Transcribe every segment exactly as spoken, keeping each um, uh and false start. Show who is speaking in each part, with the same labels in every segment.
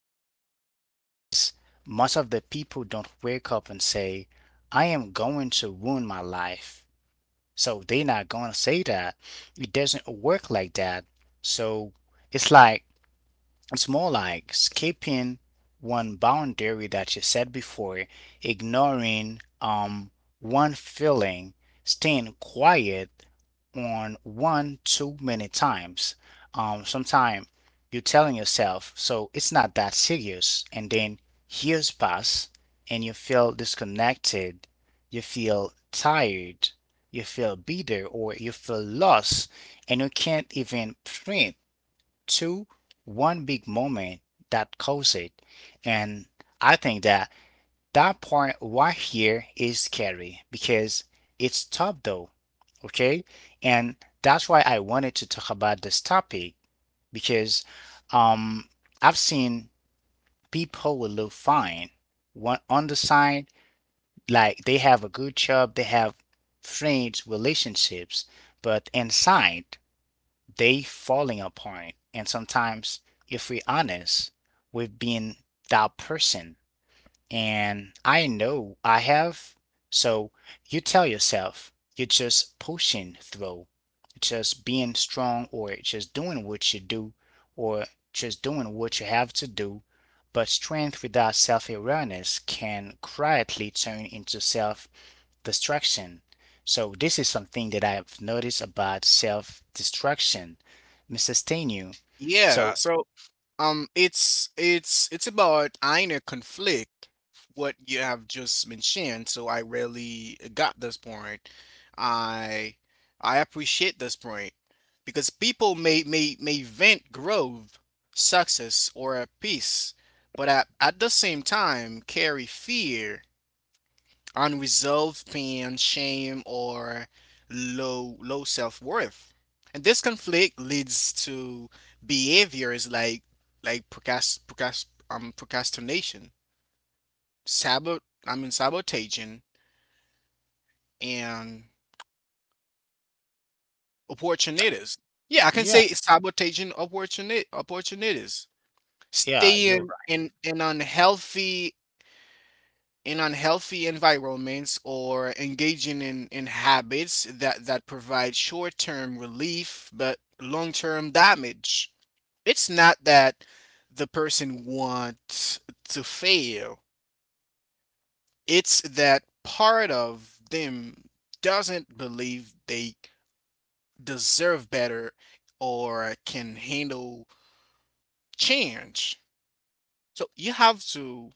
Speaker 1: add up, because most of the people don't wake up and say, I am going to ruin my life. So they're not going to say that. It doesn't work like that. So it's like it's more like skipping one boundary that you said before, ignoring um one feeling, staying quiet on one too many times. Um, sometimes you're telling yourself, so it's not that serious, and then years pass and you feel disconnected, you feel tired, you feel bitter, or you feel lost, and you can't even print to one big moment that caused it. And I think that that part right here is scary because it's tough though. Okay. And that's why I wanted to talk about this topic because um, I've seen people who look fine one on the side, like they have a good job, they have friends, relationships, but inside they falling apart. And sometimes, if we're honest, we've been that person. And I know I have. So you tell yourself, you're just pushing through, just being strong, or just doing what you do, or just doing what you have to do. But strength without self awareness can quietly turn into self destruction. So this is something that I've noticed about self-destruction, mister Stenu.
Speaker 2: Yeah,
Speaker 1: So
Speaker 2: so Um, it's it's it's about inner conflict, what you have just mentioned. So I really got this point. I I appreciate this point because people may may may vent growth, success, or peace, but at, at the same time carry fear unresolved pain, shame, or low low self-worth. And this conflict leads to behaviors like like procrast, procrast, um, procrastination, sabot I mean sabotaging and opportunities. Yeah, I can
Speaker 1: yeah,
Speaker 2: say sabotaging opportuni- opportunities.
Speaker 1: yeah, you're
Speaker 2: Staying
Speaker 1: right.
Speaker 2: in an unhealthy in unhealthy environments or engaging in, in habits that, that provide short term relief but long term damage. It's not that the person wants to fail, it's that part of them doesn't believe they deserve better or can handle change. So you have to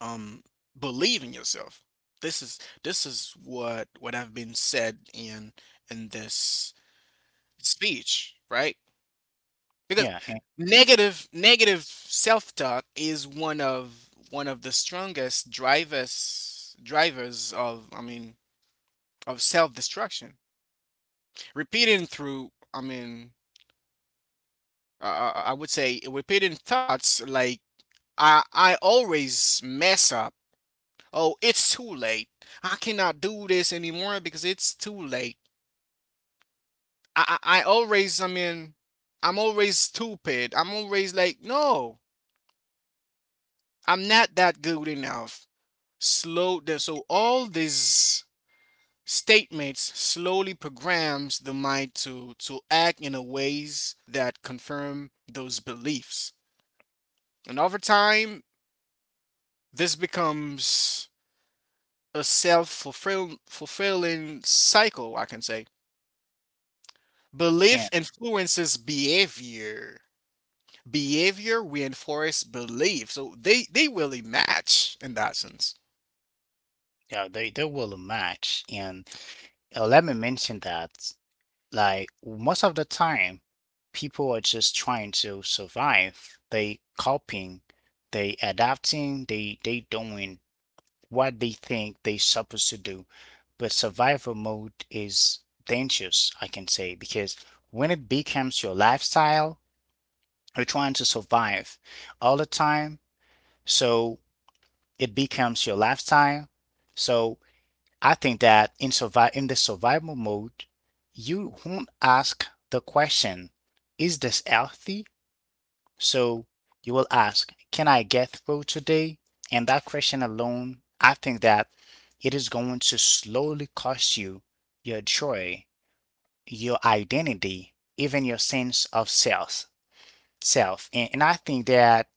Speaker 2: um believe in yourself. This is this is what what have been said in in this speech, right? Because
Speaker 1: Yeah, and,
Speaker 2: negative negative self-talk is one of one of the strongest drivers drivers of I mean of self-destruction, repeating through I mean uh, I I- I would say repeating thoughts like i i always mess up. Oh, it's too late. I cannot do this anymore because it's too late. I, I, I always, I mean, I'm always stupid. I'm always like, no, I'm not that good enough. Slow down. So all these statements slowly programs the mind to to act in a ways that confirm those beliefs. And over time, this becomes a self fulfilling cycle, I can say.
Speaker 1: and
Speaker 2: Belief influences behavior. Behavior reinforces belief. So they, they really match in that sense.
Speaker 1: yeah, they they will match. And uh, let me mention that like most of the time, people are just trying to survive. They coping, they adapting, they they doing what they think they supposed to do. But survival mode is dangerous, I can say, because when it becomes your lifestyle, you're trying to survive all the time. So it becomes your lifestyle. So I think that in survive in the survival mode, you won't ask the question, is this healthy? So you will ask, can I get through today? And that question alone, I think that it is going to slowly cost you your joy, your identity, even your sense of self. Self, and, and I think that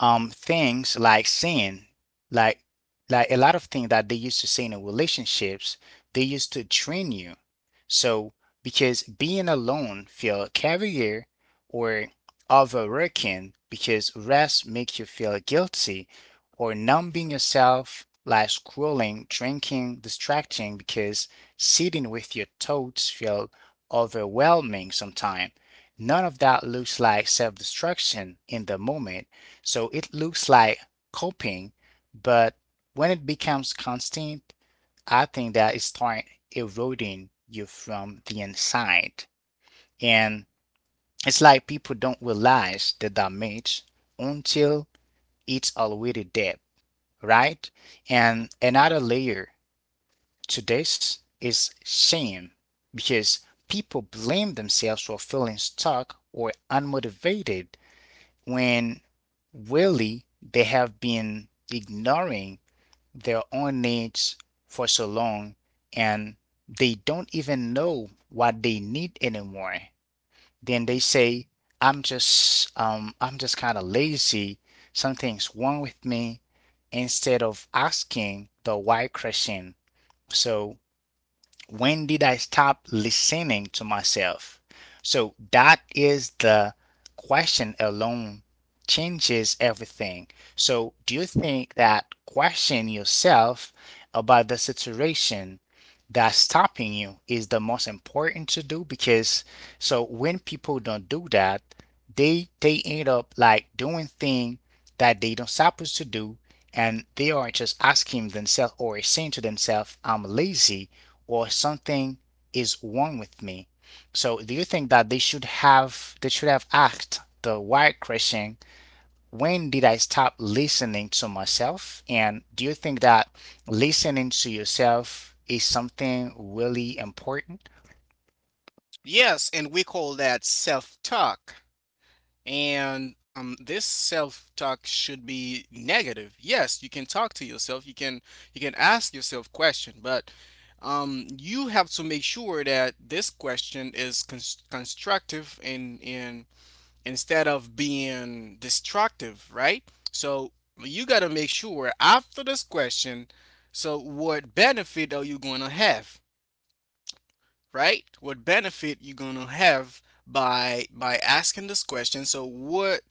Speaker 1: um things like sin like like a lot of things that they used to say in relationships, they used to train you. So, because being alone feel carrier, or overworking because rest makes you feel guilty, or numbing yourself like scrolling, drinking, distracting, because sitting with your thoughts feel overwhelming sometimes. None of that looks like self-destruction in the moment, so it looks like copying, but when it becomes constant, I think that it starts eroding you from the inside. And it's like people don't realize the damage until it's already dead, right?
Speaker 2: Mhm,
Speaker 1: And another layer to this is shame, because people blame themselves for feeling stuck or unmotivated when really they have been ignoring their own needs for so long, and they don't even know what they need anymore. Then they
Speaker 2: mhm.
Speaker 1: say, i'm just um i'm just kind of lazy, something's wrong with me, instead of asking the why question. So, when did I stop listening to myself? So that is the question alone, changes everything. So do you think that question yourself about the situation that's stopping you is the most important to do? Because so when people don't do that, they they end up like doing things that they don't supposed to do, and they are just asking themselves or saying to themselves, I'm lazy or something is wrong with me. So do you think that they should have they should have asked the why question, when did I stop listening to myself? And do you think that listening to yourself is something really important?
Speaker 2: Yes, and we call that self-talk. And um, this self-talk should be negative. Yes, you can talk to yourself. You can you can ask yourself question, but um, you have to make sure that this question is cons- constructive and and instead of being destructive, right? So you got to make sure after this question, so what benefit are you going to have, right? What benefit you are going to have by by asking this question? So what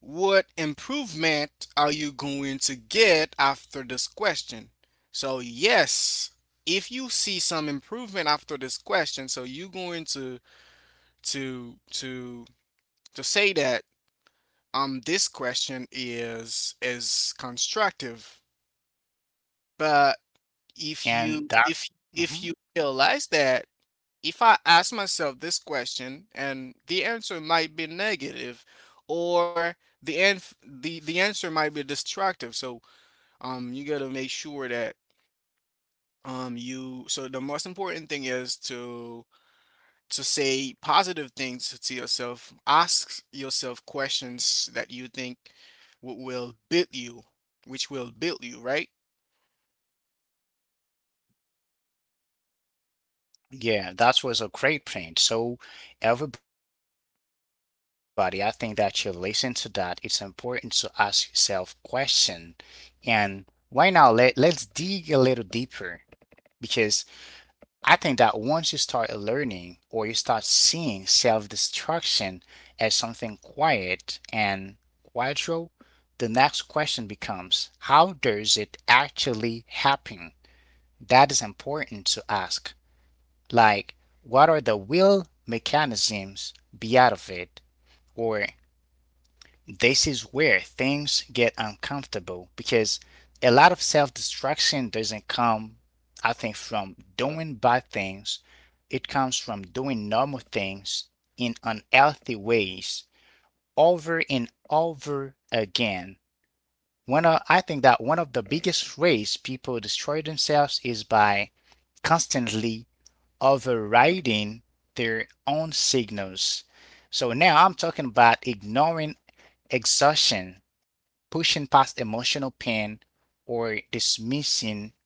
Speaker 2: what improvement are you going to get after this question? So yes, if you see some improvement after this question, so you are going to to to to say that um this question is is constructive, but if you
Speaker 1: And
Speaker 2: if
Speaker 1: that.
Speaker 2: if you
Speaker 1: Mhm.
Speaker 2: realize that if I ask myself this question and the answer might be negative, or the end the the answer might be destructive. So um you got to make sure that um you so the most important thing is to to say positive things to yourself. Ask yourself questions that you think w- will build you, which will build you, right?
Speaker 1: Yeah, that was a great point. So, everybody, I think that you listen to that. It's important to ask yourself question. And right now, let let's dig a little deeper, because I think that once you start learning or you start seeing self-destruction as something quiet and gradual, the next question becomes, how does it actually happen? That is important to ask. Like, what are the will mechanisms behind of it? Or this is where things get uncomfortable, because a lot of self destruction doesn't come, I think, from doing bad things. It comes from doing normal things in unhealthy ways over and over again. One of, I think that one of the biggest ways people destroy themselves is by constantly overriding their own signals. So now I'm talking about ignoring exhaustion, pushing past emotional pain, or dismissing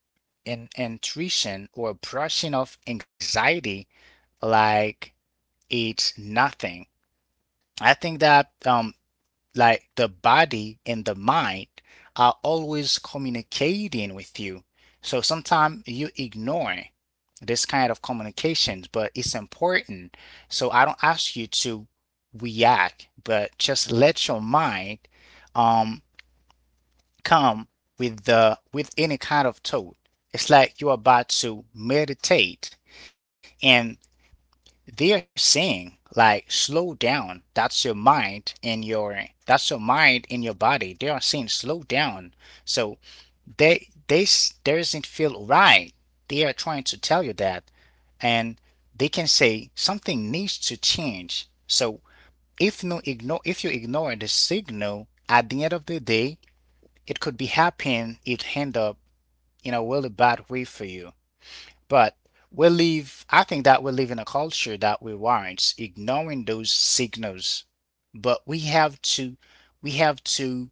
Speaker 1: an intuition, or brushing off anxiety like it's nothing. I think that um like the body and the mind are always communicating with you. So sometimes you ignore this kind of communications, but it's important. So I don't ask you to react, but just let your mind um come with the with any kind of thought. It's like you're about to meditate, and they're saying like slow down. That's your mind in your that's your mind in your body. They are saying slow down. So they, this doesn't feel right. They are trying to tell you that, and they can say something needs to change. So if no ignore if you ignore the signal, at the end of the day, it could be happening. It end up in a really bad way for you. But we live. I think that we live in a culture that rewards ignoring those signals. But we have to we have to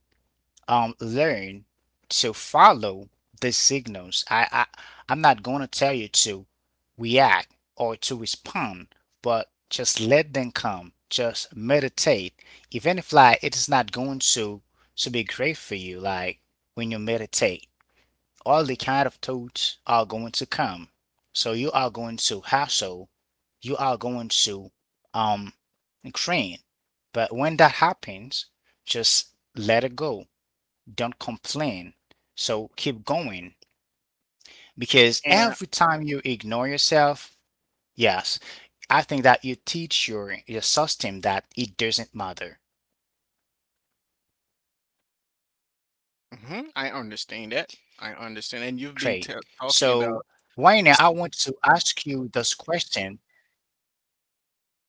Speaker 1: um learn to follow the signals. I, I I'm not gonna tell you to react or to respond, but just let them come. Just meditate. Even if like it is not going to to be great for you, like when you meditate, all the kind of thoughts are going to come. So you are going to hassle, you are going to um cringe. But when that happens, just let it go. Don't complain. So keep going, because
Speaker 2: And
Speaker 1: every time you ignore yourself, yes, I think that you teach your your system that it doesn't matter.
Speaker 2: hmm, I
Speaker 1: Great.
Speaker 2: understand that. I
Speaker 1: So
Speaker 2: understand. And
Speaker 1: right
Speaker 2: you've
Speaker 1: now,
Speaker 2: been
Speaker 1: I
Speaker 2: t-
Speaker 1: want to
Speaker 2: talking about,
Speaker 1: ask you this question.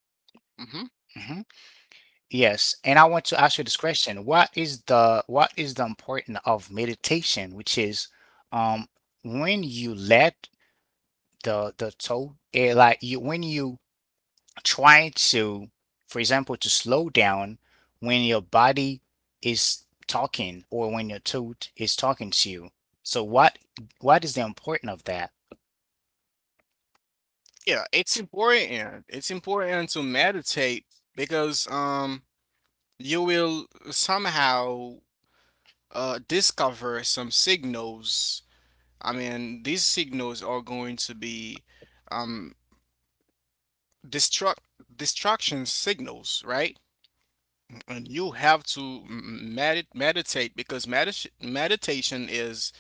Speaker 1: Mhm.
Speaker 2: hmm,
Speaker 1: Yes, and I want to ask you this question. What is the what is the importance of meditation, which is um when you let the the toe eh, like you when you try to, for example, to slow down when your body is talking or when your tooth is talking to you. So what what is the importance of that?
Speaker 2: yeah, it's important. It's important to meditate because um you will somehow uh discover some signals. I mean, these signals are going to be um distract distraction signals, right? And you have to m- meditate because medit meditation is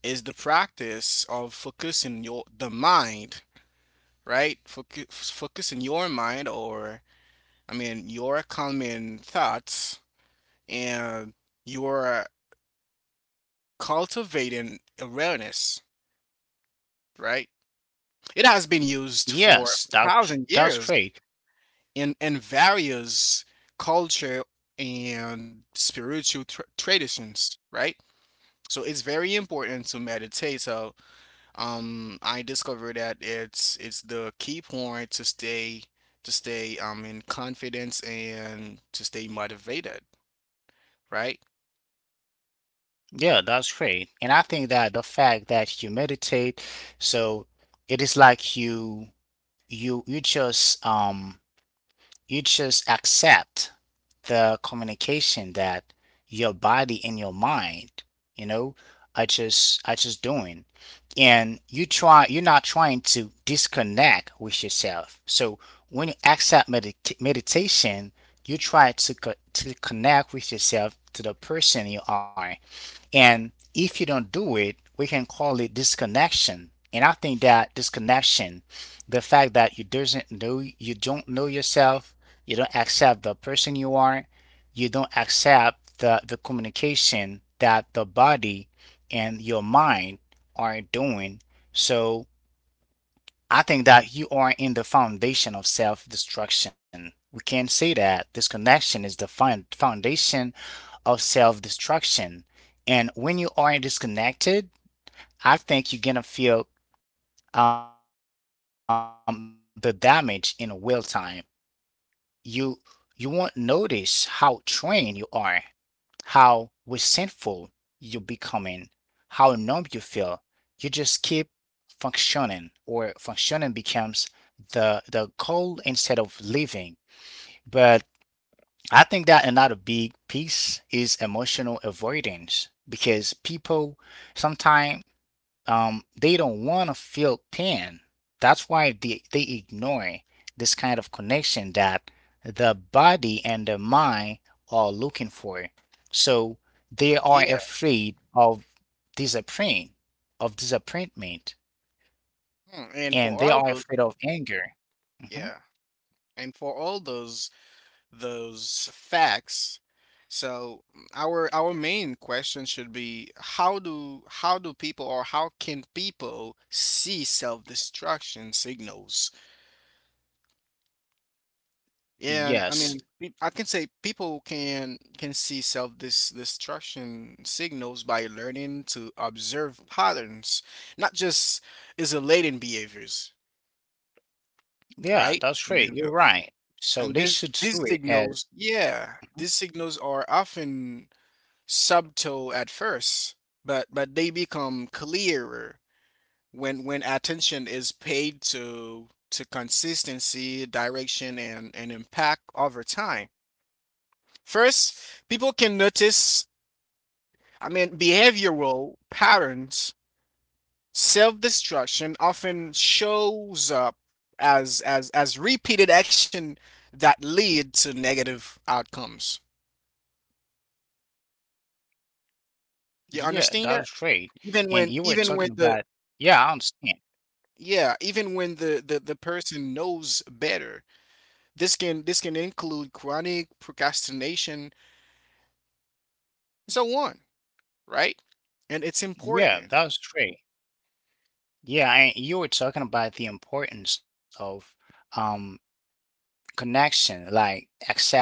Speaker 2: is the practice of focusing your the mind, right? Focus, focusing your mind, or I mean, your calming thoughts, and you're cultivating awareness, right? It has been used for
Speaker 1: Yes,
Speaker 2: a
Speaker 1: that's
Speaker 2: thousand
Speaker 1: that's
Speaker 2: years,
Speaker 1: great.
Speaker 2: and and various culture and spiritual tr traditions, right? So it's very important to meditate. So um, I discovered that it's it's the key point to stay to stay um in confidence and to stay motivated, right?
Speaker 1: Yeah, that's great. And I think that the fact that you meditate, so it is like you you you just um you just accept the communication that your body and your mind, you know, are just are just doing. And you try you're not trying to disconnect with yourself. So when you accept medit- meditation, you try to co- to connect with yourself, to the person you are. And if you don't do it, we can call it disconnection. And I think that disconnection, the fact that you doesn't know, you don't know yourself, you don't accept the person you are, you don't accept the, the communication that the body and your mind are doing. So I think that you are in the foundation of self destruction. We can say that disconnection is the foundation of self destruction. And when you are disconnected, I think you're gonna feel um, the damage in real time. You you won't notice how trained you are, how resentful you're becoming, how numb you feel. You just keep functioning, or functioning becomes the the goal instead of living. But I think that another big piece is emotional avoidance, because people sometimes um, they don't want to feel pain. That's why they, they ignore this kind of connection that the body and the mind are looking for. So they
Speaker 2: Yeah.
Speaker 1: are afraid of disappointment, of disappointment,
Speaker 2: Hmm, and
Speaker 1: and
Speaker 2: for
Speaker 1: they
Speaker 2: all
Speaker 1: are
Speaker 2: those,
Speaker 1: afraid of anger. Mhm.
Speaker 2: yeah. And for all those those facts. So our our main question should be how do how do people or how can people see self-destruction signals? And I
Speaker 1: Yes.
Speaker 2: mean, pe- I can say people can can see self-destruction signals by learning to observe patterns, not just isolating behaviors,
Speaker 1: Yeah,
Speaker 2: right?
Speaker 1: that's
Speaker 2: And
Speaker 1: great.
Speaker 2: then-
Speaker 1: You're right. So
Speaker 2: and
Speaker 1: they
Speaker 2: these
Speaker 1: should
Speaker 2: these
Speaker 1: sue it as
Speaker 2: signals, yeah, these signals are often subtle at first, but but they become clearer when when attention is paid to to consistency, direction, and and impact over time. First, people can notice, I mean, behavioral patterns. Self-destruction often shows up as as as repeated action that lead to negative outcomes.
Speaker 1: yeah,
Speaker 2: You
Speaker 1: that's
Speaker 2: understand that?
Speaker 1: great. And you
Speaker 2: Even
Speaker 1: were
Speaker 2: when
Speaker 1: talking
Speaker 2: even when
Speaker 1: about
Speaker 2: the
Speaker 1: yeah, I understand.
Speaker 2: Yeah, even when the, the, the person knows better, this can this can include chronic procrastination and so on, right? And it's
Speaker 1: Yeah,
Speaker 2: important.
Speaker 1: that's great. Yeah, and you were talking about the importance of um connection, like accept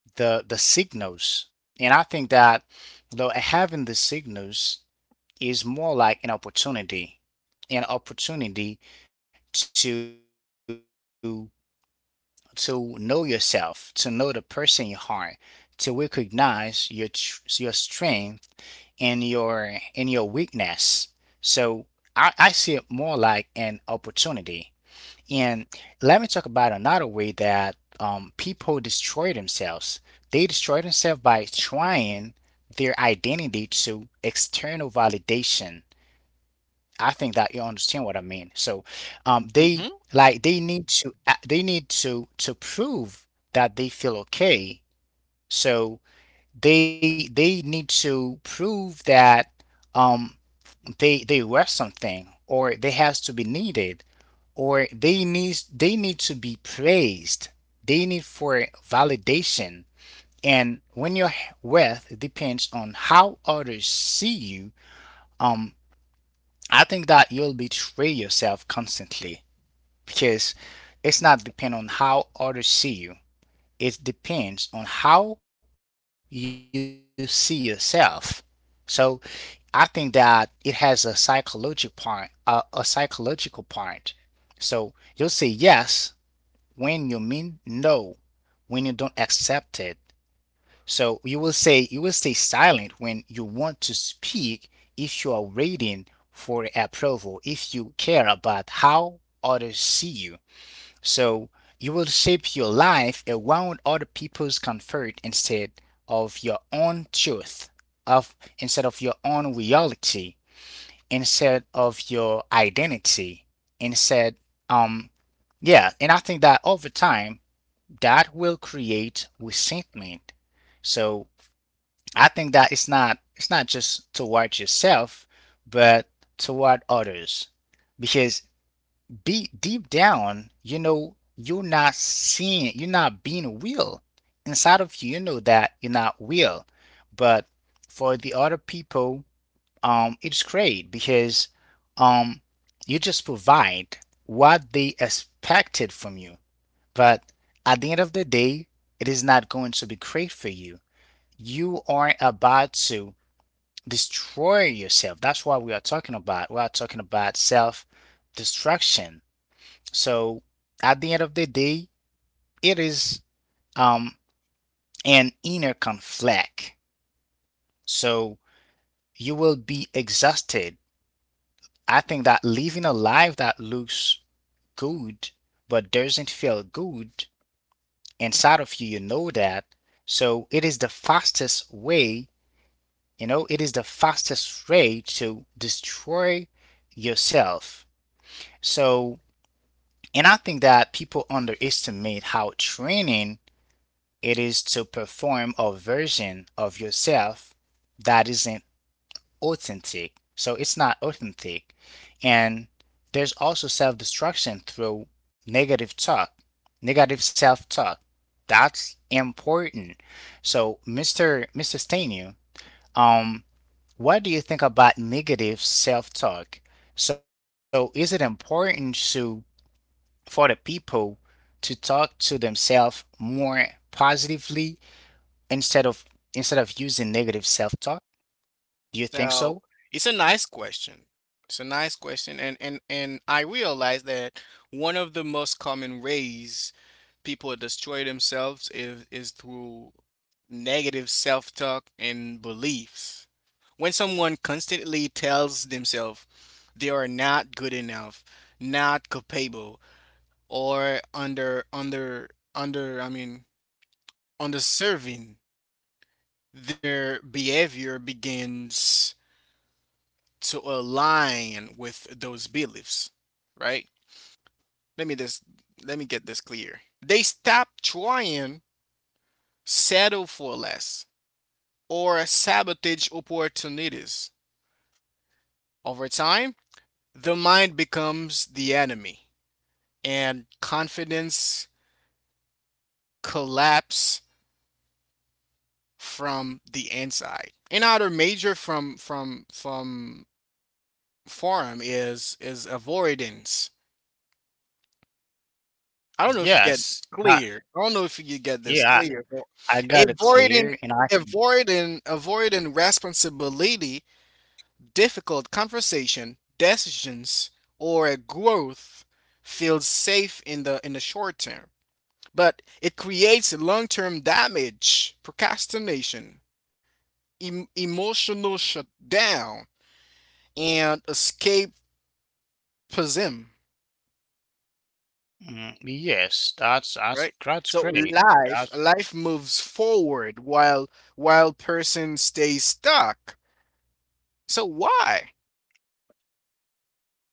Speaker 1: the the signals. And I think that though having the signals is more like an opportunity, an opportunity to to know yourself, to know the person you are, to recognize your tr- your strength and your and your weakness. So I, I see it more like an opportunity. And let me talk about another way that um, people destroy themselves. They destroy themselves by trying their identity to external validation. I think that you understand what I mean. So, um, they, like they need to a- they need to to prove that they feel okay. So they they need to prove that um they they were something or they has to be needed or they need they need to be praised. They need for validation. And when you're worth depends on how others see you, um I think that you'll betray yourself constantly because it's not depend on how others see you. It depends on how you see yourself. So I think that it has a psychological part, a, a psychological part. So you'll say yes when you mean no, when you don't accept it. So you will say you will stay silent when you want to speak if you are waiting for approval, if you care about how others see you. So you will shape your life around other people's comfort instead of your own truth, of instead of your own reality, instead of your identity, instead, um yeah, and I think that over time that will create resentment. So I think that it's not it's not just toward yourself, but toward others. Because be deep down, you know you're not seeing you're not being real. Inside of you, you know that you're not real. But for the other people, um, it's great because um you just provide what they expected from you. But at the end of the day, it is not going to be great for you. You aren't about to destroy yourself. That's what we are talking about. We are talking about self destruction. So at the end of the day, it is, um, an inner conflict. So you will be exhausted. I think that living a life that looks good but doesn't feel good inside of you, you know that. So it is the fastest way, you know, it is the fastest way to destroy yourself. So. And I think that people underestimate how training it is to perform a version of yourself that isn't authentic. So it's not authentic. And there's also self destruction through negative talk, negative self talk. That's important. So, mister Mr. Stanu, um, what do you think about negative self talk? So, is it important to for the people to talk to themselves more positively instead of instead of using negative self-talk? Do you think so?
Speaker 2: So it's a nice question. It's a nice question, and and and I realize that one of the most common ways people destroy themselves is is through negative self-talk and beliefs. When someone constantly tells themselves they are not good enough, not capable, or under under under I mean underserving, their behavior begins to align with those beliefs, right? Let me just Let me get this clear. They stop trying, settle for less, or sabotage opportunities. Over time, the mind becomes the enemy, and confidence collapse from the inside. Another major from from from forum is is avoidance. I don't know if you get
Speaker 1: Yes. I,
Speaker 2: clear. I don't know if you get this
Speaker 1: yeah,
Speaker 2: clear, but
Speaker 1: I, I got it
Speaker 2: avoiding
Speaker 1: clear, and I think
Speaker 2: avoiding avoiding responsibility, difficult conversation, decisions, or a growth feels safe in the in the short term. But it creates long-term damage, procrastination, em- emotional shutdown, and escapism,
Speaker 1: mm, yes, that's that's
Speaker 2: right?
Speaker 1: that's
Speaker 2: So
Speaker 1: great.
Speaker 2: life
Speaker 1: That's
Speaker 2: life moves forward while while person stays stuck. So why?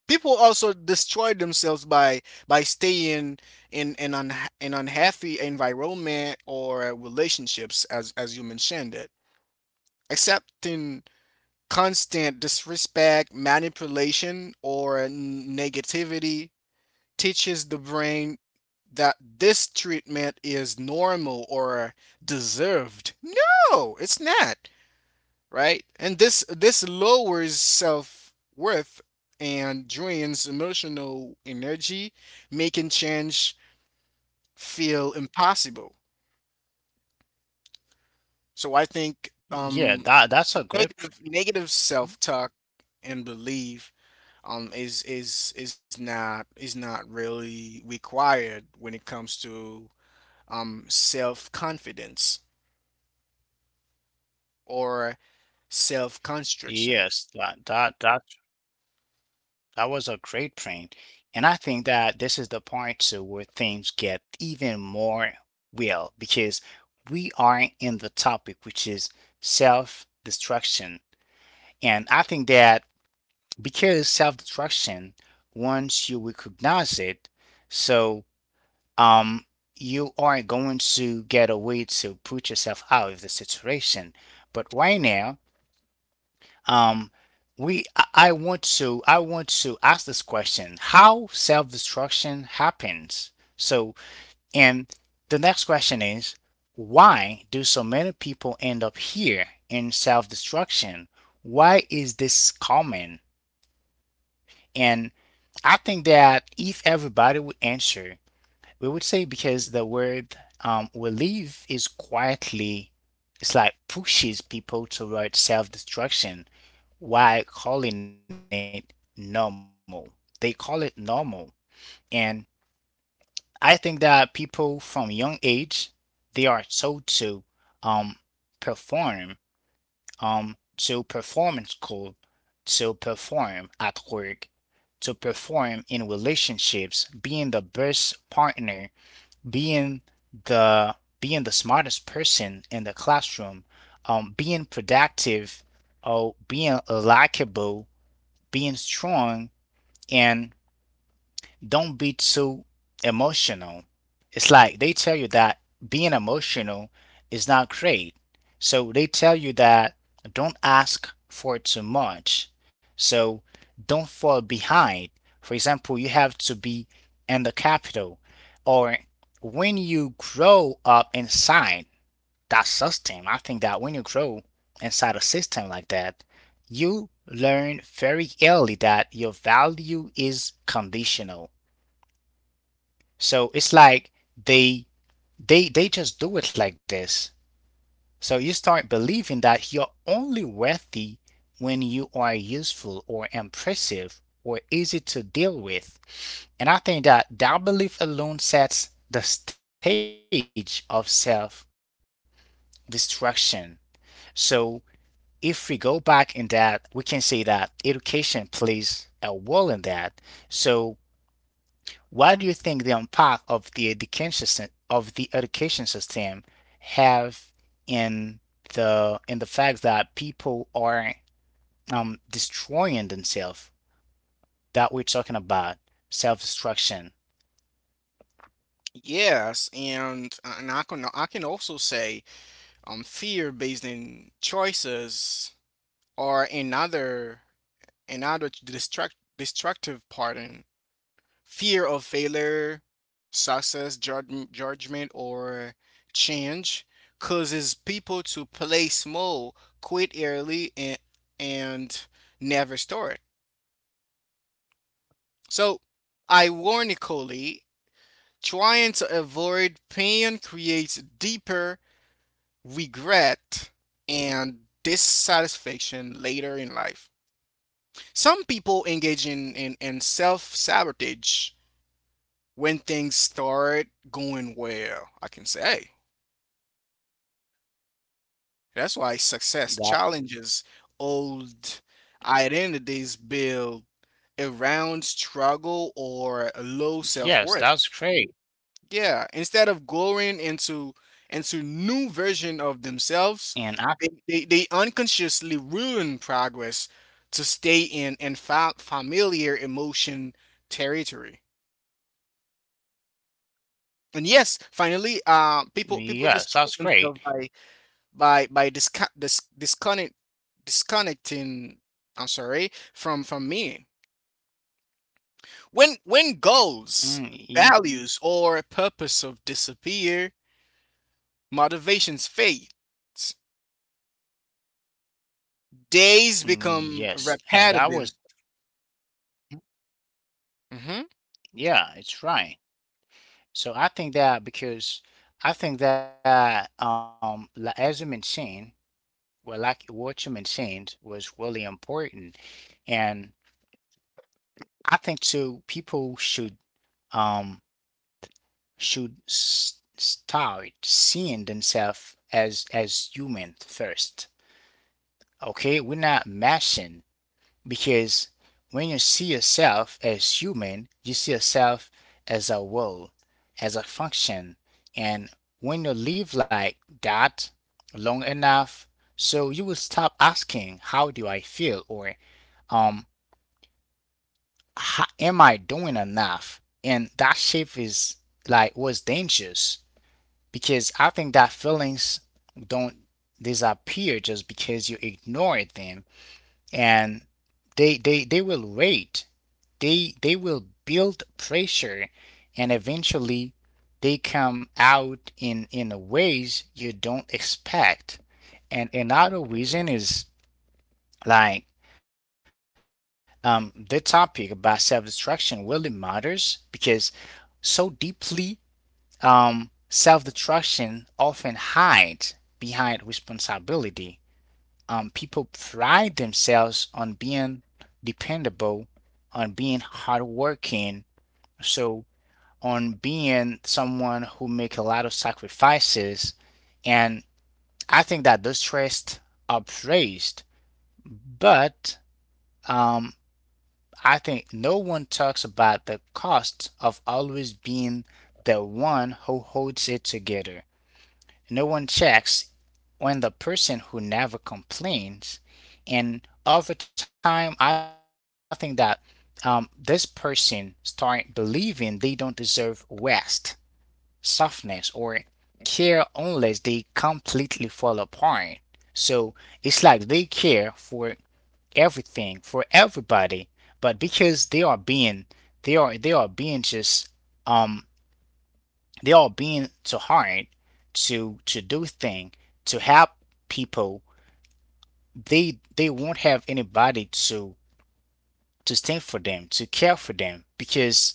Speaker 2: People also destroy themselves by by staying in an unha an unhealthy environment or relationships as as you mentioned it. Accepting constant disrespect, manipulation or n- negativity teaches the brain that this treatment is normal or deserved. No, it's not, right? And this this lowers self-worth and drains emotional energy, making change feel impossible. So I think
Speaker 1: yeah,
Speaker 2: um
Speaker 1: that that's a great.
Speaker 2: negative negative
Speaker 1: Mhm.
Speaker 2: self-talk and belief um is is is not is not really required when it comes to um self-confidence or self constriction.
Speaker 1: Yes, that that that that was a great point. And I think that this is the part too where things get even more real because we are in the topic which is self-destruction. And I think that because self-destruction, once you recognize it, so um you are going to get a way to put yourself out of the situation. But right now, um, we I I want to I want to ask this question: how self-destruction happens? So, and the next question is, why do so many people end up here in self-destruction? Why is this common? And I think that if everybody would answer, we would say because the word, um, we live is quietly, it's like pushes people toward self-destruction while calling it normal. They call it normal. And I think that people from young age, they are told to, um, perform, um, to perform in school, to perform at work, to perform in relationships, being the best partner, being the being the smartest person in the classroom, um, being productive, or being likable, being strong, and don't be too emotional. It's like they tell you that being emotional is not great. So they tell you that don't ask for too much. So don't fall behind. For example, you have to be in the capital or when you grow up inside that system. I think that when you grow inside a system like that, you learn very early that your value is conditional. So it's like they they they just do it like this. So you start believing that you're only worthy when you are useful or impressive or easy to deal with. And I think that that belief alone sets the stage of self destruction. So if we go back in that, we can see that education plays a role in that. So, what do you think the impact of the education sys- of the education system have in the in the fact that people are, um, destroying themselves? That we're talking about self-destruction.
Speaker 2: Yes, and uh, and I can I can also say um fear based in choices or another another destruct destructive pattern. Fear of failure, success, judg- judgment or change causes people to play small, quit early, and and never start. So ironically, trying to avoid pain creates deeper regret and dissatisfaction later in life. Some people engage in, in, in self sabotage when things start going well. I can say hey, that's why success challenges old
Speaker 1: That
Speaker 2: identities built around struggle or low self
Speaker 1: yes,
Speaker 2: worth.
Speaker 1: that's great.
Speaker 2: Yeah, instead of growing into into new version of themselves,
Speaker 1: And
Speaker 2: they,
Speaker 1: I,
Speaker 2: they, they unconsciously ruin progress to stay in and fa- familiar emotion territory. And yes, finally, uh, people people destroy
Speaker 1: yes,
Speaker 2: themselves
Speaker 1: that's
Speaker 2: by
Speaker 1: great.
Speaker 2: by by disco- dis- disconnect disconnecting. I'm sorry from from me. When when goals,
Speaker 1: Mm,
Speaker 2: values,
Speaker 1: y-
Speaker 2: or purpose of disappear, motivations fade. Days
Speaker 1: mm,
Speaker 2: become
Speaker 1: yes, and that
Speaker 2: repetitive.
Speaker 1: was
Speaker 2: Hmm.
Speaker 1: yeah, it's right. So I think that because I think that um li- as you mentioned, well like what you mentioned was really important. And I think too people should, um should s start seeing themselves as as human first. Okay, we're not mashing. Because when you see yourself as human, you see yourself as a role, as a function. And when you live like that long enough, so you will stop asking, how do I feel? Or, um, "Ha- Am I doing enough?" And that shift is like was dangerous because I think that feelings don't disappear just because you ignore them, and they, they, they will wait, they they will build pressure and eventually they come out in in ways you don't expect. And another reason is like, um, the topic about self-destruction really matters because so deeply, um, self-destruction often hides behind responsibility. Um, people pride themselves on being dependable, on being hardworking, so on being someone who make a lot of sacrifices. And I think that those traits are praised, but, um, I think no one talks about the cost of always being the one who holds it together. No one checks when the person who never complains. And over time I think that, um, this person start believing they don't deserve rest, softness, or care unless they completely fall apart. So it's like they care for everything, for everybody, but because they are being they are they are being just, um they are being too hard to to do thing to help people, they they won't have anybody to to stand for them, to care for them, because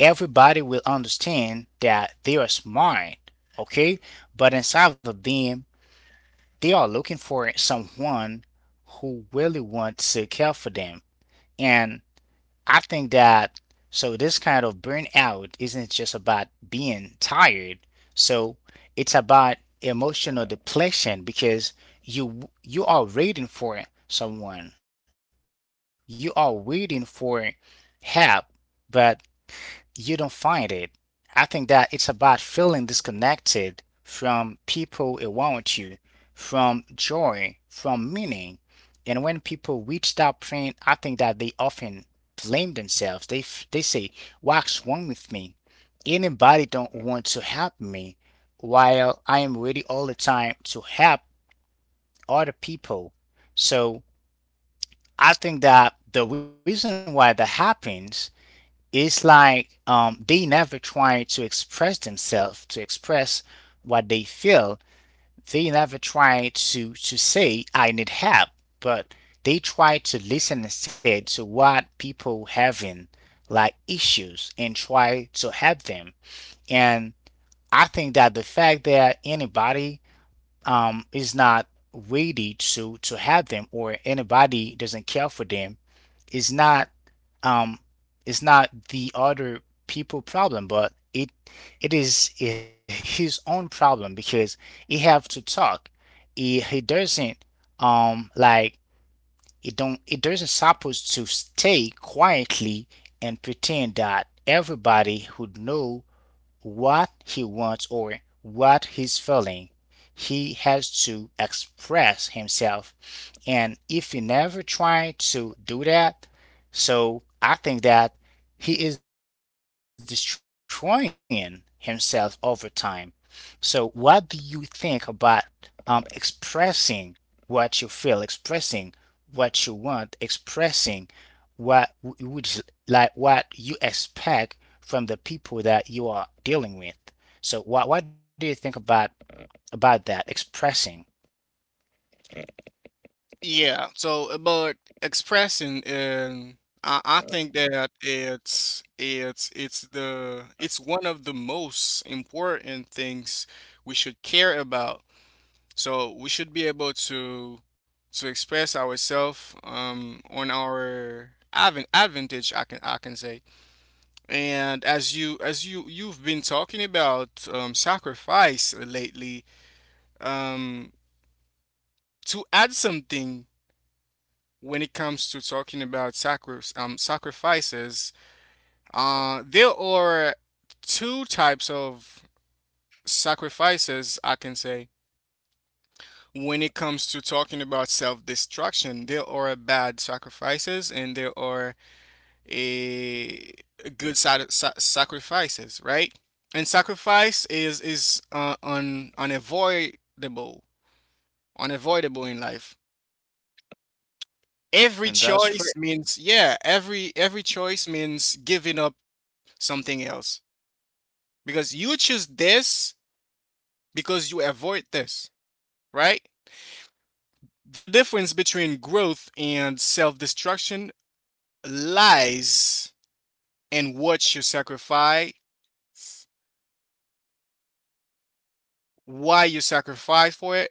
Speaker 1: everybody will understand that they are smart, okay? But inside of them, they are looking for someone who really wants to care for them. And I think that so this kind of burnout isn't just about being tired. So it's about emotional depletion because you you are waiting for someone. You are waiting for help, but you don't find it. I think that it's about feeling disconnected from people around you, from joy, from meaning. And when people reach that point, I think that they often blame themselves. They f- they say, "What's wrong with me? Anybody don't want to help me, while I am ready all the time to help other people." So I think that the reason why that happens, it's like, um, they never try to express themselves, to express what they feel. They never try to to say I need help, but they try to listen instead to what people having, like, issues and try to help them. And I think that the fact that anybody, um, is not ready to to help them or anybody doesn't care for them is not, um it's not the other people problem, but it it is, i- his own problem because he have to talk. he, he doesn't, um like it don't it doesn't supposed to stay quietly and pretend that everybody would know what he wants or what he's feeling. He has to express himself. And if he never tries to do that, so I think that he is destroying himself over time. So, what do you think about, um, expressing what you feel, expressing what you want, expressing what w- would like, what you expect from the people that you are dealing with? So, what what do you think about about that expressing?
Speaker 2: Yeah. So, uh, but expressing, and I, I think that it's it's it's the it's one of the most important things we should care about. So we should be able to to express ourselves um, on our advan advantage, I can I can say. And as you as you you've been talking about um, sacrifice lately, um, to add something when it comes to talking about sacri- um, sacrifices, uh, there are two types of sacrifices I can say. When it comes to talking about self-destruction, there are bad sacrifices and there are a good sacrifices, right? And sacrifice is is uh, un- unavoidable, unavoidable in life. Every choice means
Speaker 1: And that's
Speaker 2: yeah
Speaker 1: great.
Speaker 2: every every choice means giving up something else, because you choose this, because you avoid this, right? The difference between growth and self-destruction lies in what you sacrifice, why you sacrifice for it,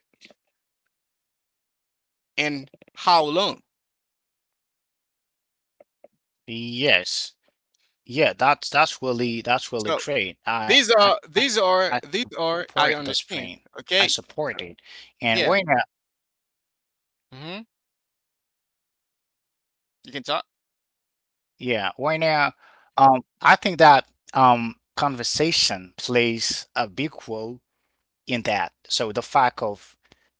Speaker 2: and how long.
Speaker 1: Yes. Yeah, that's that's
Speaker 2: So
Speaker 1: really that's really
Speaker 2: these are
Speaker 1: great. I
Speaker 2: these
Speaker 1: I
Speaker 2: are these
Speaker 1: support this
Speaker 2: are
Speaker 1: print.
Speaker 2: I
Speaker 1: I
Speaker 2: understand.
Speaker 1: support
Speaker 2: Okay.
Speaker 1: it. And when
Speaker 2: Yeah. Hmm. You can talk.
Speaker 1: yeah, right now, um, I think that, um, conversation plays a big role in that. So the fact of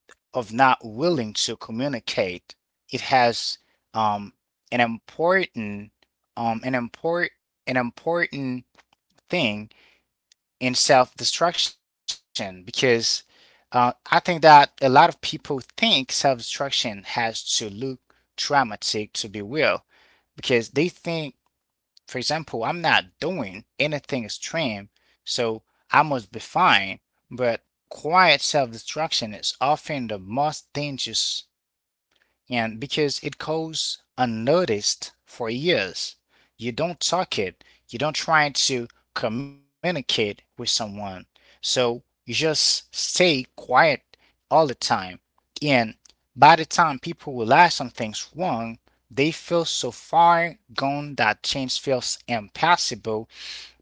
Speaker 1: of not willing to communicate, it has, um, an important, um, an import an important thing in self-destruction because, uh, I think that a lot of people think self-destruction has to look dramatic to be real because they think, for example, I'm not doing anything extreme, so I must be fine, but quiet self destruction is often the most dangerous, and because it goes unnoticed for years, you don't talk it, you don't try to communicate with someone. So you just stay quiet all the time. And by the time people realize something's wrong, they feel so far gone that change feels impossible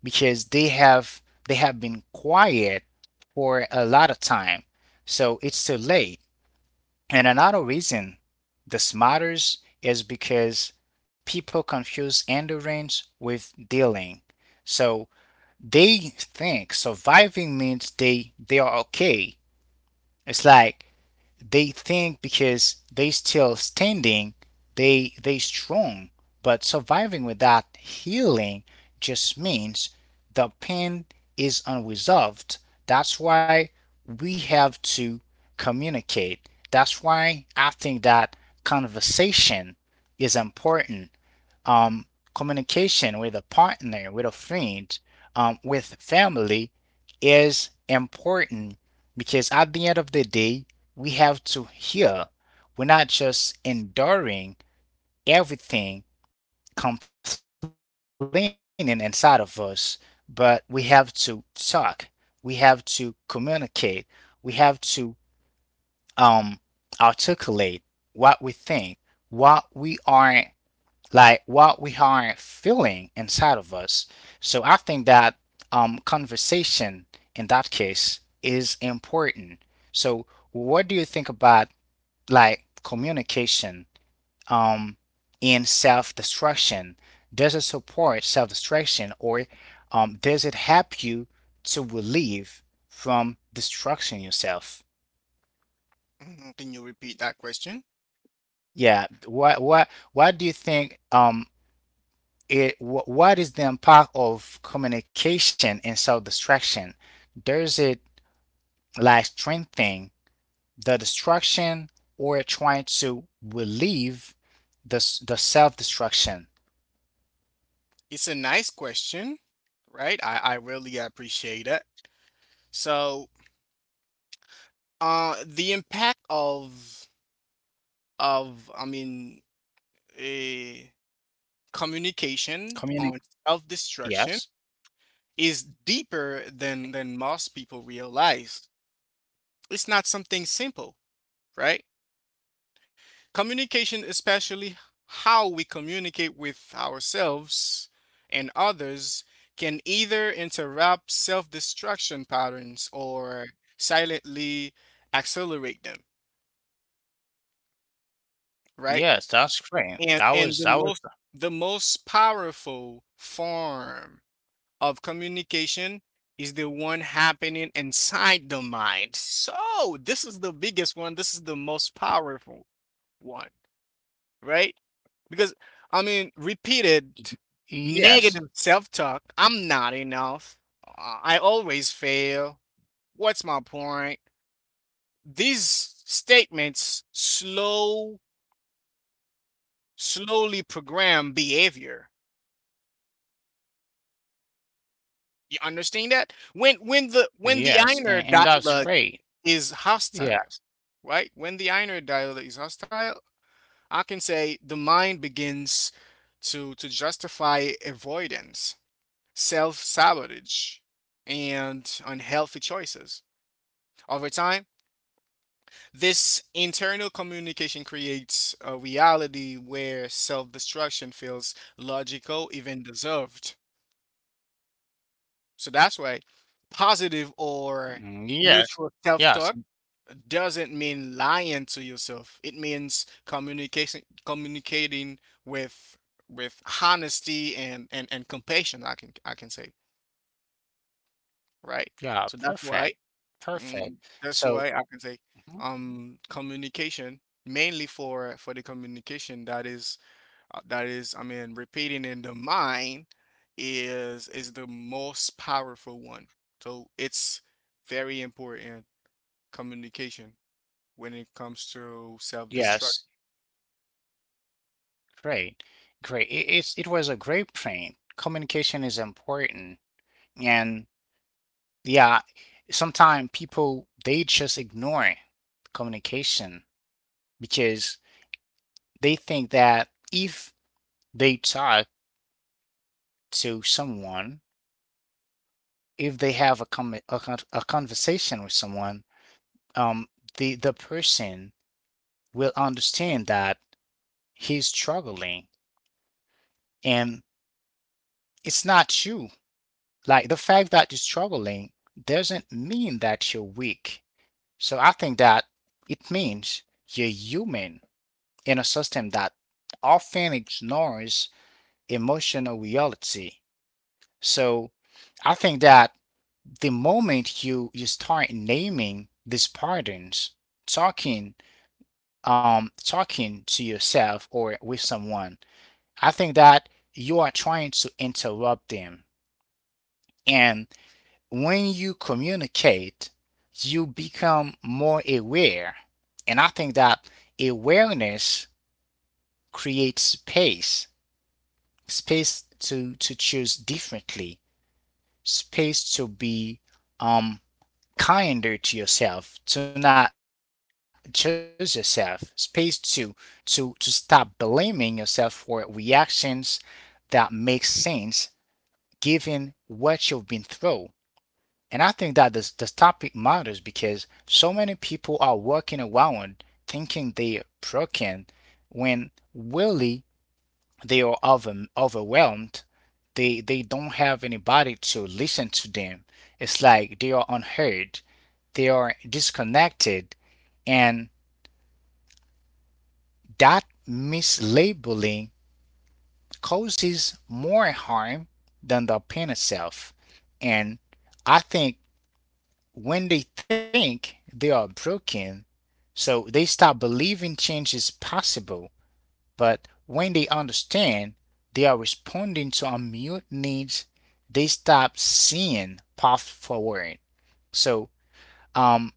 Speaker 1: because they have they have been quiet for a lot of time. So it's too late. And another reason this matters is because people confuse endurance with dealing. So they think surviving means they they are okay. It's like they think because they still standing, they they strong. But surviving without healing just means the pain is unresolved. That's why we have to communicate. That's why I think that conversation is important, um, communication with a partner, with a friend, um, with family is important because at the end of the day, we have to hear. We're not just enduring everything complaining inside of us, but we have to talk. We have to communicate. We have to um, articulate what we think, what we are like what we are feeling inside of us. So I think that um, conversation in that case is important. So what do you think about like communication um, in self-destruction? Does it support self-destruction or um, does it help you to relieve from destruction yourself?
Speaker 2: Mhm. Can you repeat that question?
Speaker 1: Yeah, what what what do you think um it wh- what is the impact of communication and self-destruction? Does it like strengthening the destruction or trying to relieve the s- the self-destruction?
Speaker 2: It's a nice question, right? I, I really appreciate it. So, uh, the impact of of I mean, eh, communication
Speaker 1: Communic,
Speaker 2: on self-destruction
Speaker 1: yes.
Speaker 2: is deeper than than most people realize. It's not something simple, right? Communication, especially how we communicate with ourselves and others, can either interrupt self destruction patterns or silently accelerate them, right?
Speaker 1: Yes, that's great.
Speaker 2: And,
Speaker 1: That
Speaker 2: and
Speaker 1: was
Speaker 2: the
Speaker 1: that was
Speaker 2: most the most powerful form of communication is the one happening inside the mind. So, this is the biggest one. This is the most powerful one, right? Because I mean, repeated
Speaker 1: yes.
Speaker 2: negative self-talk. I'm not enough. Uh, I always fail. What's my point? These statements slow slowly program behavior. You understand that? When when the when the
Speaker 1: Yes,
Speaker 2: inner
Speaker 1: and, and that's
Speaker 2: dialogue
Speaker 1: great.
Speaker 2: is
Speaker 1: Yeah.
Speaker 2: hostile, right? When the inner dialogue is hostile, I can say the mind begins to to justify avoidance, self sabotage, and unhealthy choices. Over time, this internal communication creates a reality where self destruction feels logical, even deserved. So that's why positive or
Speaker 1: Mm, yes.
Speaker 2: neutral self talk
Speaker 1: Yes, and...
Speaker 2: doesn't mean lying to yourself. It means communication communicating with with honesty and, and, and compassion, I can I can say. Right? So
Speaker 1: Yeah,
Speaker 2: that's why.
Speaker 1: perfect.
Speaker 2: And
Speaker 1: Perfect.
Speaker 2: that's why
Speaker 1: So,
Speaker 2: I can say
Speaker 1: mhm,
Speaker 2: um communication, mainly for for the communication that is uh, that is, I mean, repeating in the mind is is the most powerful one. So it's very important communication when it comes to self-destruct.
Speaker 1: yes. Great. Great. It, it's, it was a great train. Communication is important. And yeah, sometimes people, they just ignore communication because they think that if they talk to someone, if they have a, com- a, con- a conversation with someone, um, the, the person will understand that he's struggling and it's not you. Like the fact that you're struggling doesn't mean that you're weak. So I think that it means you're human in a system that often ignores emotional reality. So I think that the moment you you start naming these patterns, talking, um talking to yourself or with someone, I think that you are trying to interrupt them. And when you communicate, you become more aware. And I think that awareness creates space, space to, to choose differently, space to be um kinder to yourself, to not judge yourself, space to to to stop blaming yourself for reactions that make sense given what you've been through. And I think that this this topic matters because so many people are walking around thinking they're broken when really they are over, overwhelmed. They they don't have anybody to listen to them. It's like they are unheard, they are disconnected, and that mislabeling causes more harm than the pain itself. And I think when they think they are broken, so they start believing change is possible. But when they understand they are responding to unmet needs, they stop seeing path forward. So um,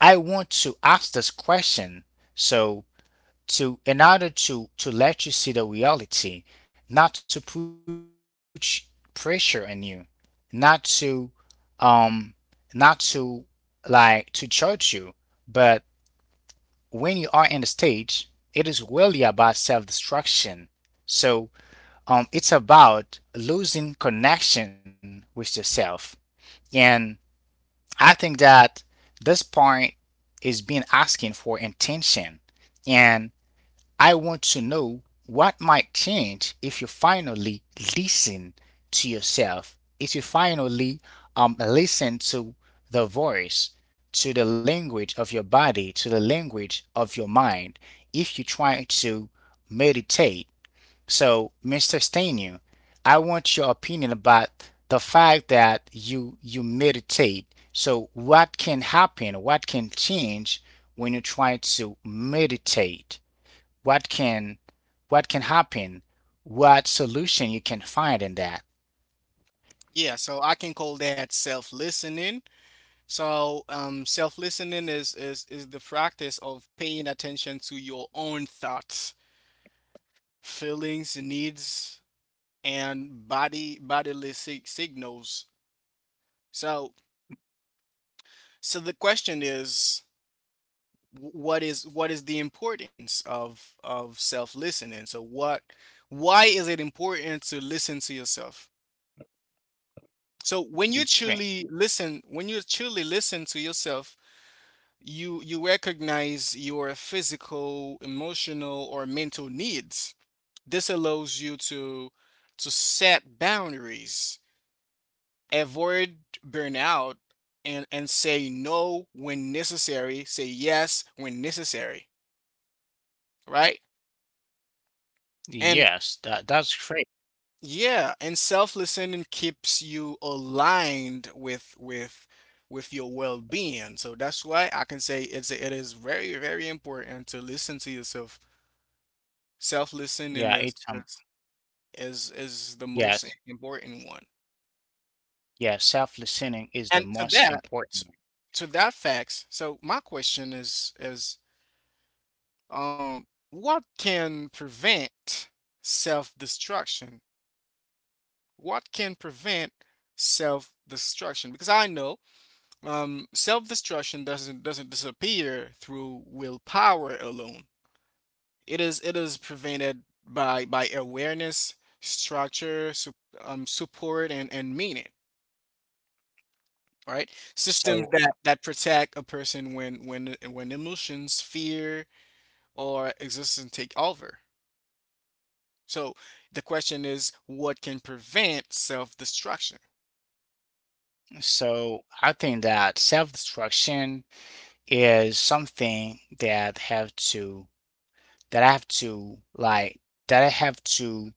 Speaker 1: I want to ask this question. So to in order to to let you see the reality, not to put pressure on you, not to um not to like to judge you, but when you are in the stage it is really about self-destruction, so um it's about losing connection with yourself, and I think that this point is being asking for intention. And I want to know what might change if you finally listen to yourself, if you finally um, listen to the voice, to the language of your body, to the language of your mind, if you try to meditate. So, mister Stanu, I want your opinion about the fact that you you meditate. So, what can happen? What can change when you try to meditate? What can, what can happen, what solution you can find in that.
Speaker 2: Yeah, so I can call that self-listening. So um self-listening is is is the practice of paying attention to your own thoughts, feelings, needs, and body bodily sig- signals. So so the question is, wh- what is what is the importance of of self listening? So what, why is it important to listen to yourself? So when you
Speaker 1: Mm,
Speaker 2: truly
Speaker 1: great.
Speaker 2: listen, when you truly listen to yourself, you you recognize your physical, emotional or mental needs. This allows you to to set boundaries, avoid burnout, and and say no when necessary, say yes when necessary, right? And
Speaker 1: Yes, that that's great.
Speaker 2: yeah, and self listening keeps you aligned with with with your well-being, so that's why I can say it's it is very very important to listen to yourself. Self listening
Speaker 1: Yeah,
Speaker 2: is
Speaker 1: it's um
Speaker 2: is is is the most
Speaker 1: yes.
Speaker 2: important one.
Speaker 1: Yeah, self-listening is the
Speaker 2: And to
Speaker 1: most
Speaker 2: that,
Speaker 1: important.
Speaker 2: to that facts, so my question is is Um, what can prevent self-destruction? What can prevent self-destruction? Because I know, um, self-destruction doesn't doesn't disappear through willpower alone. It is it is prevented by by awareness, structure, su um, support, and and meaning. Right? Systems
Speaker 1: So
Speaker 2: that that protect a person when when when emotions, fear, or existence take over. So the question is, what can prevent self-destruction?
Speaker 1: so I think that self-destruction is something that have to, that I have to like, that I have to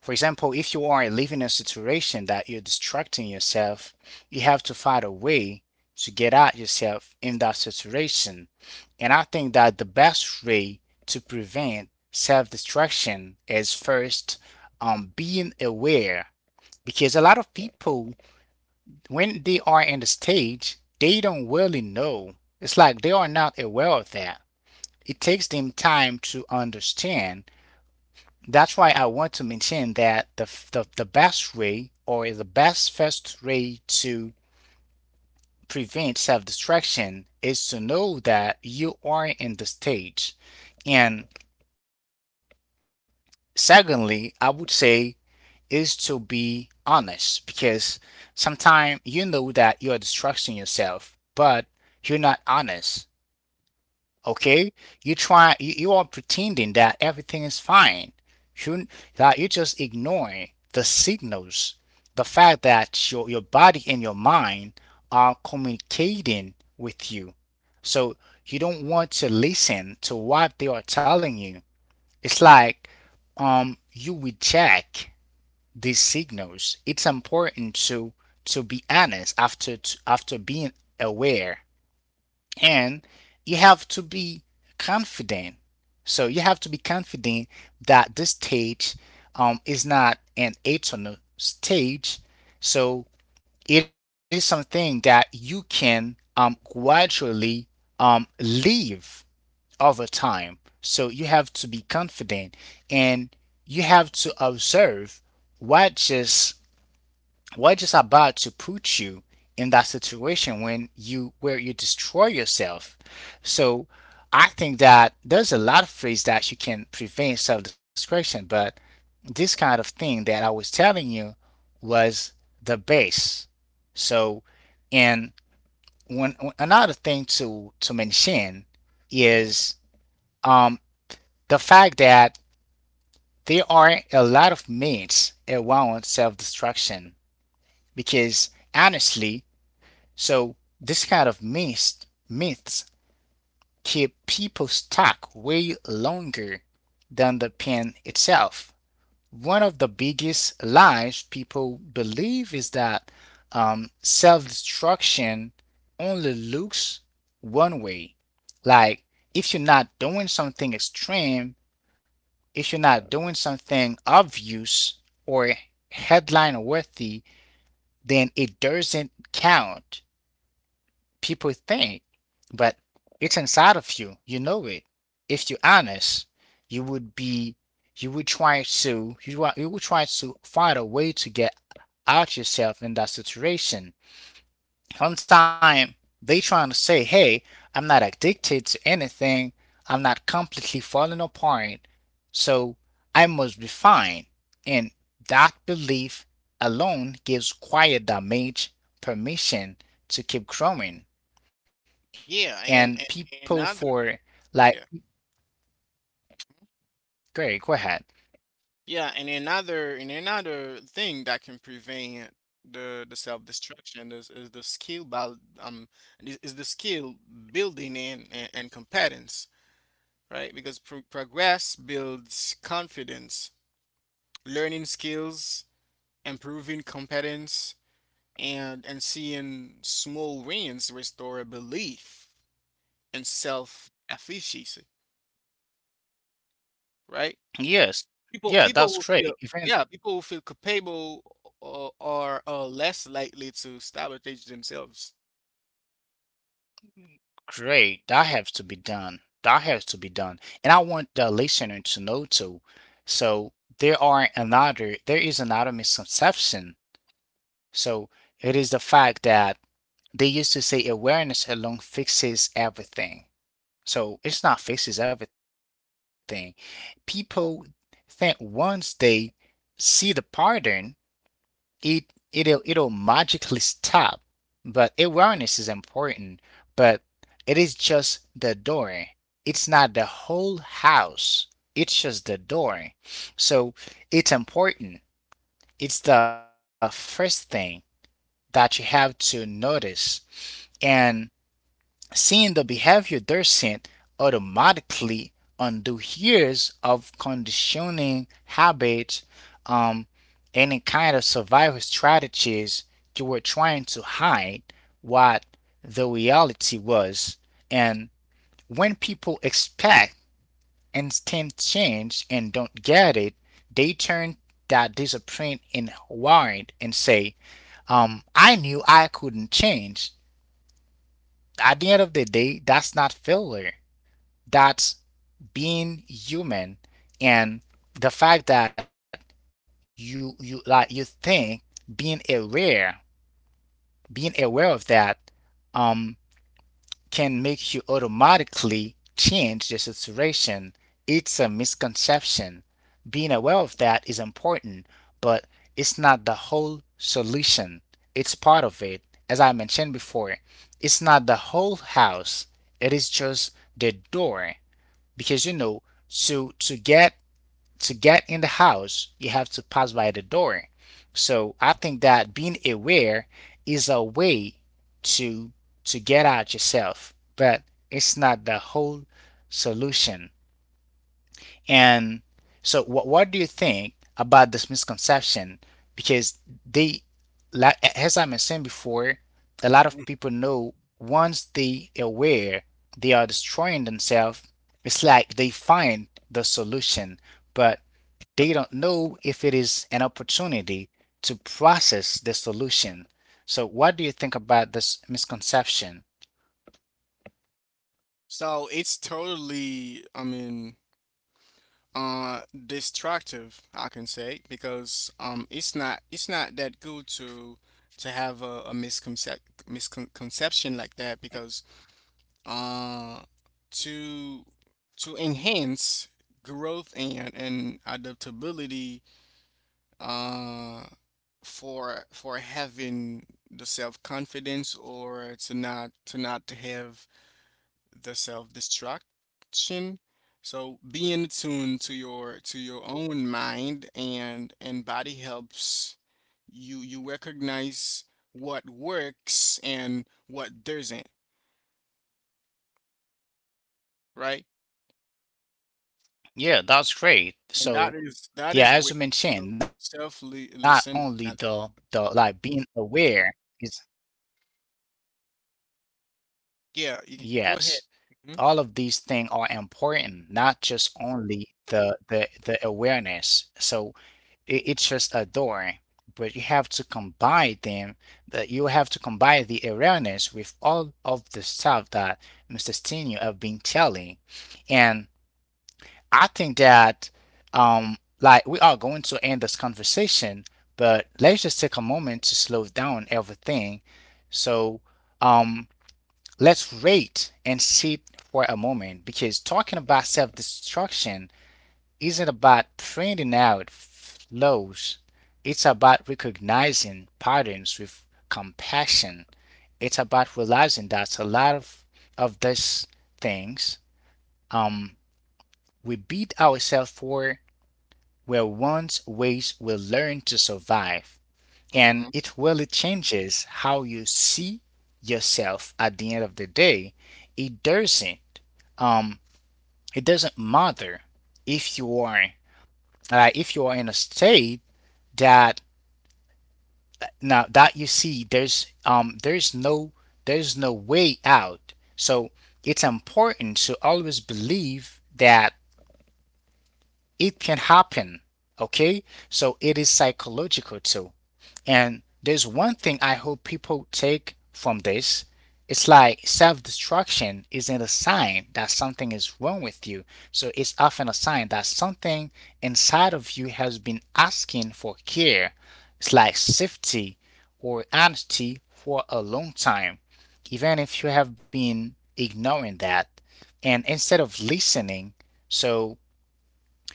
Speaker 1: For example, if you are living in a situation that you're distracting yourself, you have to find a way to get out yourself in that situation. And I think that the best way to prevent self distraction is first um, being aware. Because a lot of people, when they are in the stage, they don't really know. It's like they are not aware of that. It takes them time to understand. That's why I want to mention that the, the, the best way or the best first way to prevent self destruction is to know that you are in the stage. And secondly, I would say is to be honest because sometimes you know that you are destructing yourself, but you're not honest. Okay, you try you, you are pretending that everything is fine. You, that you just ignoring the signals, the fact that your your body and your mind are communicating with you. So you don't want to listen to what they are telling you. It's like um you reject these signals. It's important to to be honest after after being aware, and you have to be confident. So you have to be confident that this stage um, is not an eternal stage. So it is something that you can um, gradually um, leave over time. So you have to be confident and you have to observe what just we're just about to put you in that situation when you where you destroy yourself. So I think that there's a lot of ways that you can prevent self-destruction, but this kind of thing that I was telling you was the base. So, and one another thing to to mention
Speaker 2: Hmm.
Speaker 1: is um the fact that there are a lot of myths around self-destruction because honestly, so this kind of myths myths keep people stuck way longer than the pen itself. One of the biggest lies people believe is that um, self-destruction only looks one way. Like if you're not doing something extreme, if you're not doing something obvious or headline worthy, then it doesn't count. People think, but it's inside of you. You know it. If you're honest, you would be, you would try to, you, wa- you would try to find a way to get out yourself in that situation. Sometimes they trying to say, hey, I'm not addicted to anything. I'm not completely falling apart. So I must be fine. And that belief alone gives quiet damage permission to keep growing and
Speaker 2: Yeah,
Speaker 1: people
Speaker 2: and, and
Speaker 1: for
Speaker 2: and
Speaker 1: like,
Speaker 2: another. Yeah.
Speaker 1: great, go ahead.
Speaker 2: Yeah, and another, and another thing that can prevent the the self-destruction is, is the skill by um is, is the skill building and, and and competence, right? Because pro progress builds confidence, learning skills, improving competence, and and seeing small wins restore belief, and self efficacy, right?
Speaker 1: Yes.
Speaker 2: People
Speaker 1: Yeah,
Speaker 2: people
Speaker 1: that's
Speaker 2: will feel,
Speaker 1: great. Even
Speaker 2: yeah, people will feel capable or are uh, less likely to sabotage themselves.
Speaker 1: great. That has to be done. That has to be done. And I want the listener to know too. So there are another there is another misconception. So it is the fact that they used to say awareness alone fixes everything. So it's not fixes everything. People think once they see the pattern, it it'll it'll magically stop. But awareness is important, but it is just the door. It's not the whole house. It's just the door. So it's important. It's the first thing that you have to notice. And seeing the behavior they're sent automatically undo years of conditioning habits, um, any kind of survival strategies you were trying to hide what the reality was. And when people expect instant change and don't get it, they turn that disappointment in worried and say, um, I knew I couldn't change at the end of the day, that's not failure. That's being human, and the fact that you you like you think being aware, being aware of that um can make you automatically change the situation. It's a misconception. Being aware of that is important, but it's not the whole solution. It's part of it. As I mentioned before, it's not the whole house. It is just the door because you know to to get to get in the house, you have to pass by the door. So I think that being aware is a way to to get out yourself, but it's not the whole solution. And so, what what do you think about this misconception? Because they, like as I mentioned before, a lot of
Speaker 2: Mm.
Speaker 1: people know once they aware they are destroying themselves. It's like they find the solution, but they don't know if it is an opportunity to process the solution. So, what do you think about this misconception?
Speaker 2: So it's totally, I mean, uh, destructive, I can say, because um, it's not it's not that good to to have a, a misconcep misconception like that, because uh, to to enhance growth and and adaptability, uh for for having the self-confidence, or to not to not to have the self-destruction. So being attuned to your to your own mind and and body helps you you recognize what works and what doesn't, right?
Speaker 1: Yeah, that's great.
Speaker 2: And that
Speaker 1: So,
Speaker 2: is that is where
Speaker 1: yeah, as you mentioned, not only the
Speaker 2: self-listening.
Speaker 1: the like being aware is
Speaker 2: Yeah, you can- go
Speaker 1: yes,
Speaker 2: ahead.
Speaker 1: all of these things are important, not just only the the the awareness. So it, it's just a door, but you have to combine them. That you have to combine the awareness with all of the stuff that mister Stinio have been telling, and I think that um like we are going to end this conversation, but let's just take a moment to slow down everything. So um let's rate and sit for a moment because talking about self-destruction isn't about printing out flows. It's about recognizing patterns with compassion. It's about realizing that a lot of of these things um we beat ourselves for were once ways we learned to survive.
Speaker 2: Hmm.
Speaker 1: And it really changes how you see yourself at the end of the day. It doesn't, um it doesn't matter if you are uh, if you are in a state that, now that you see there's um there's no, there's no way out. So it's important to always believe that it can happen. Okay? So it is psychological too. And there's one thing I hope people take from this. It's like self destruction isn't a sign that something is wrong with you. So it's often a sign that something inside of you has been asking for care. It's like safety or honesty for a long time, even if you have been ignoring that. And instead of listening, so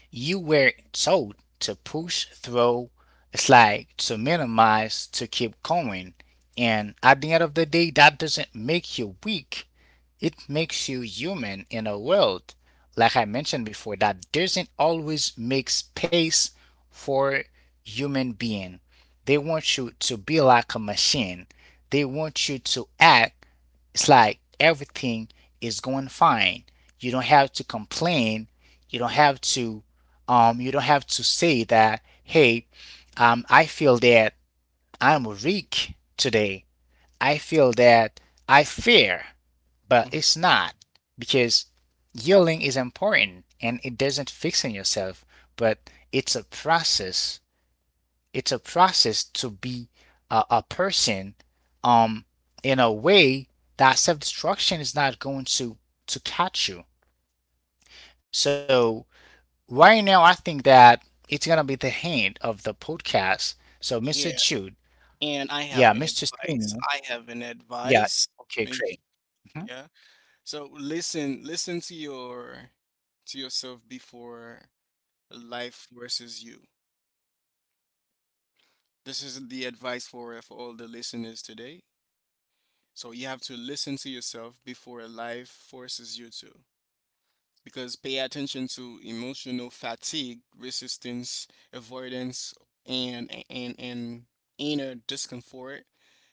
Speaker 1: you were told to push through a slide to minimize to keep going. And at the end of the day, that doesn't make you weak. It makes you human in a world, like I mentioned before, that doesn't always make space for human being. They want you to be like a machine. They want you to act it's like everything is going fine. You don't have to complain. You don't have to, um you don't have to say that, hey, um I feel that I'm weak today. I feel that I fear. But it's not because healing is important and it doesn't fixing yourself, but it's a process, it's a process to be a, a person um in a way that self-destruction is not going to to catch you. So right now I think that it's gonna be the hand of the podcast. So Mr.
Speaker 2: Hmm.
Speaker 1: Jude.
Speaker 2: And I
Speaker 1: Yeah,
Speaker 2: have an
Speaker 1: Mr.
Speaker 2: advice.
Speaker 1: Senior.
Speaker 2: I have an
Speaker 1: Yeah.
Speaker 2: advice.
Speaker 1: Okay,
Speaker 2: May-
Speaker 1: great. Mhm.
Speaker 2: Yeah. So listen, listen to your to yourself before life forces you. This is the advice for for all the listeners today. So you have to listen to yourself before life forces you to. Because pay attention to emotional fatigue, resistance, avoidance, and and and inner discomfort.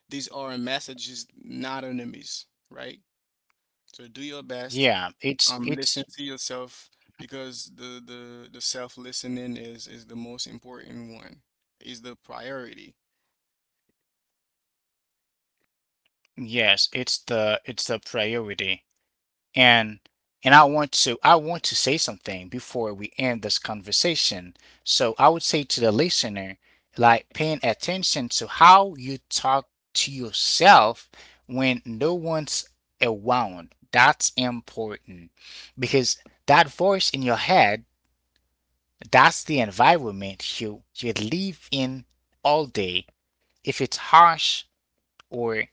Speaker 2: These are messages, not enemies, right? So do your best.
Speaker 1: yeah
Speaker 2: Um,
Speaker 1: it's
Speaker 2: listen to
Speaker 1: it's
Speaker 2: yourself because the the the self listening is is the most important one. Is the priority.
Speaker 1: yes, it's the, it's the priority. And and i want to i want to say something before we end this conversation. So I would say to the listener, like paying attention to how you talk to yourself when no one's around, that's important, because that voice in your head, that's the environment you you live in all day. If it's harsh or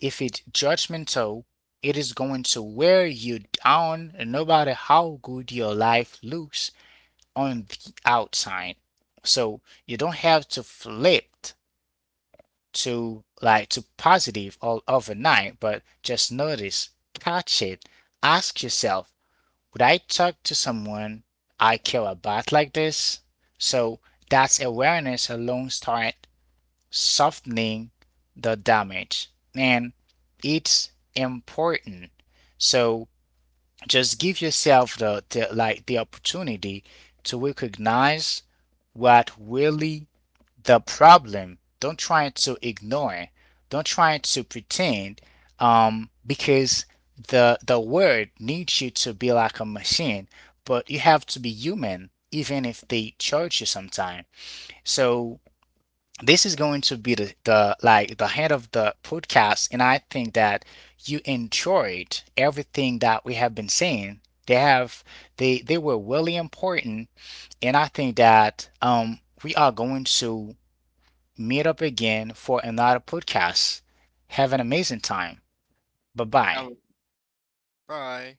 Speaker 1: if it's judgmental, it is going to wear you down no matter how good your life looks on the outside. So you don't have to flip to, like, to positive all overnight, but just notice, catch it, ask yourself, would I talk to someone I care about like this? So that's awareness alone start softening the damage. And it's important. So just give yourself the, the like the opportunity to recognize what really the problem. Don't try to ignore. Don't try to pretend. Um, because the the world needs you to be like a machine, but you have to be human, even if they charge you sometime. So this is going to be the, the like the head of the podcast, and I think that you enjoyed everything that we have been saying. They have, they they were really important. And I think that um we are going to meet up again for another podcast. Have an amazing time. Bye
Speaker 2: Have
Speaker 1: bye.
Speaker 2: a- bye.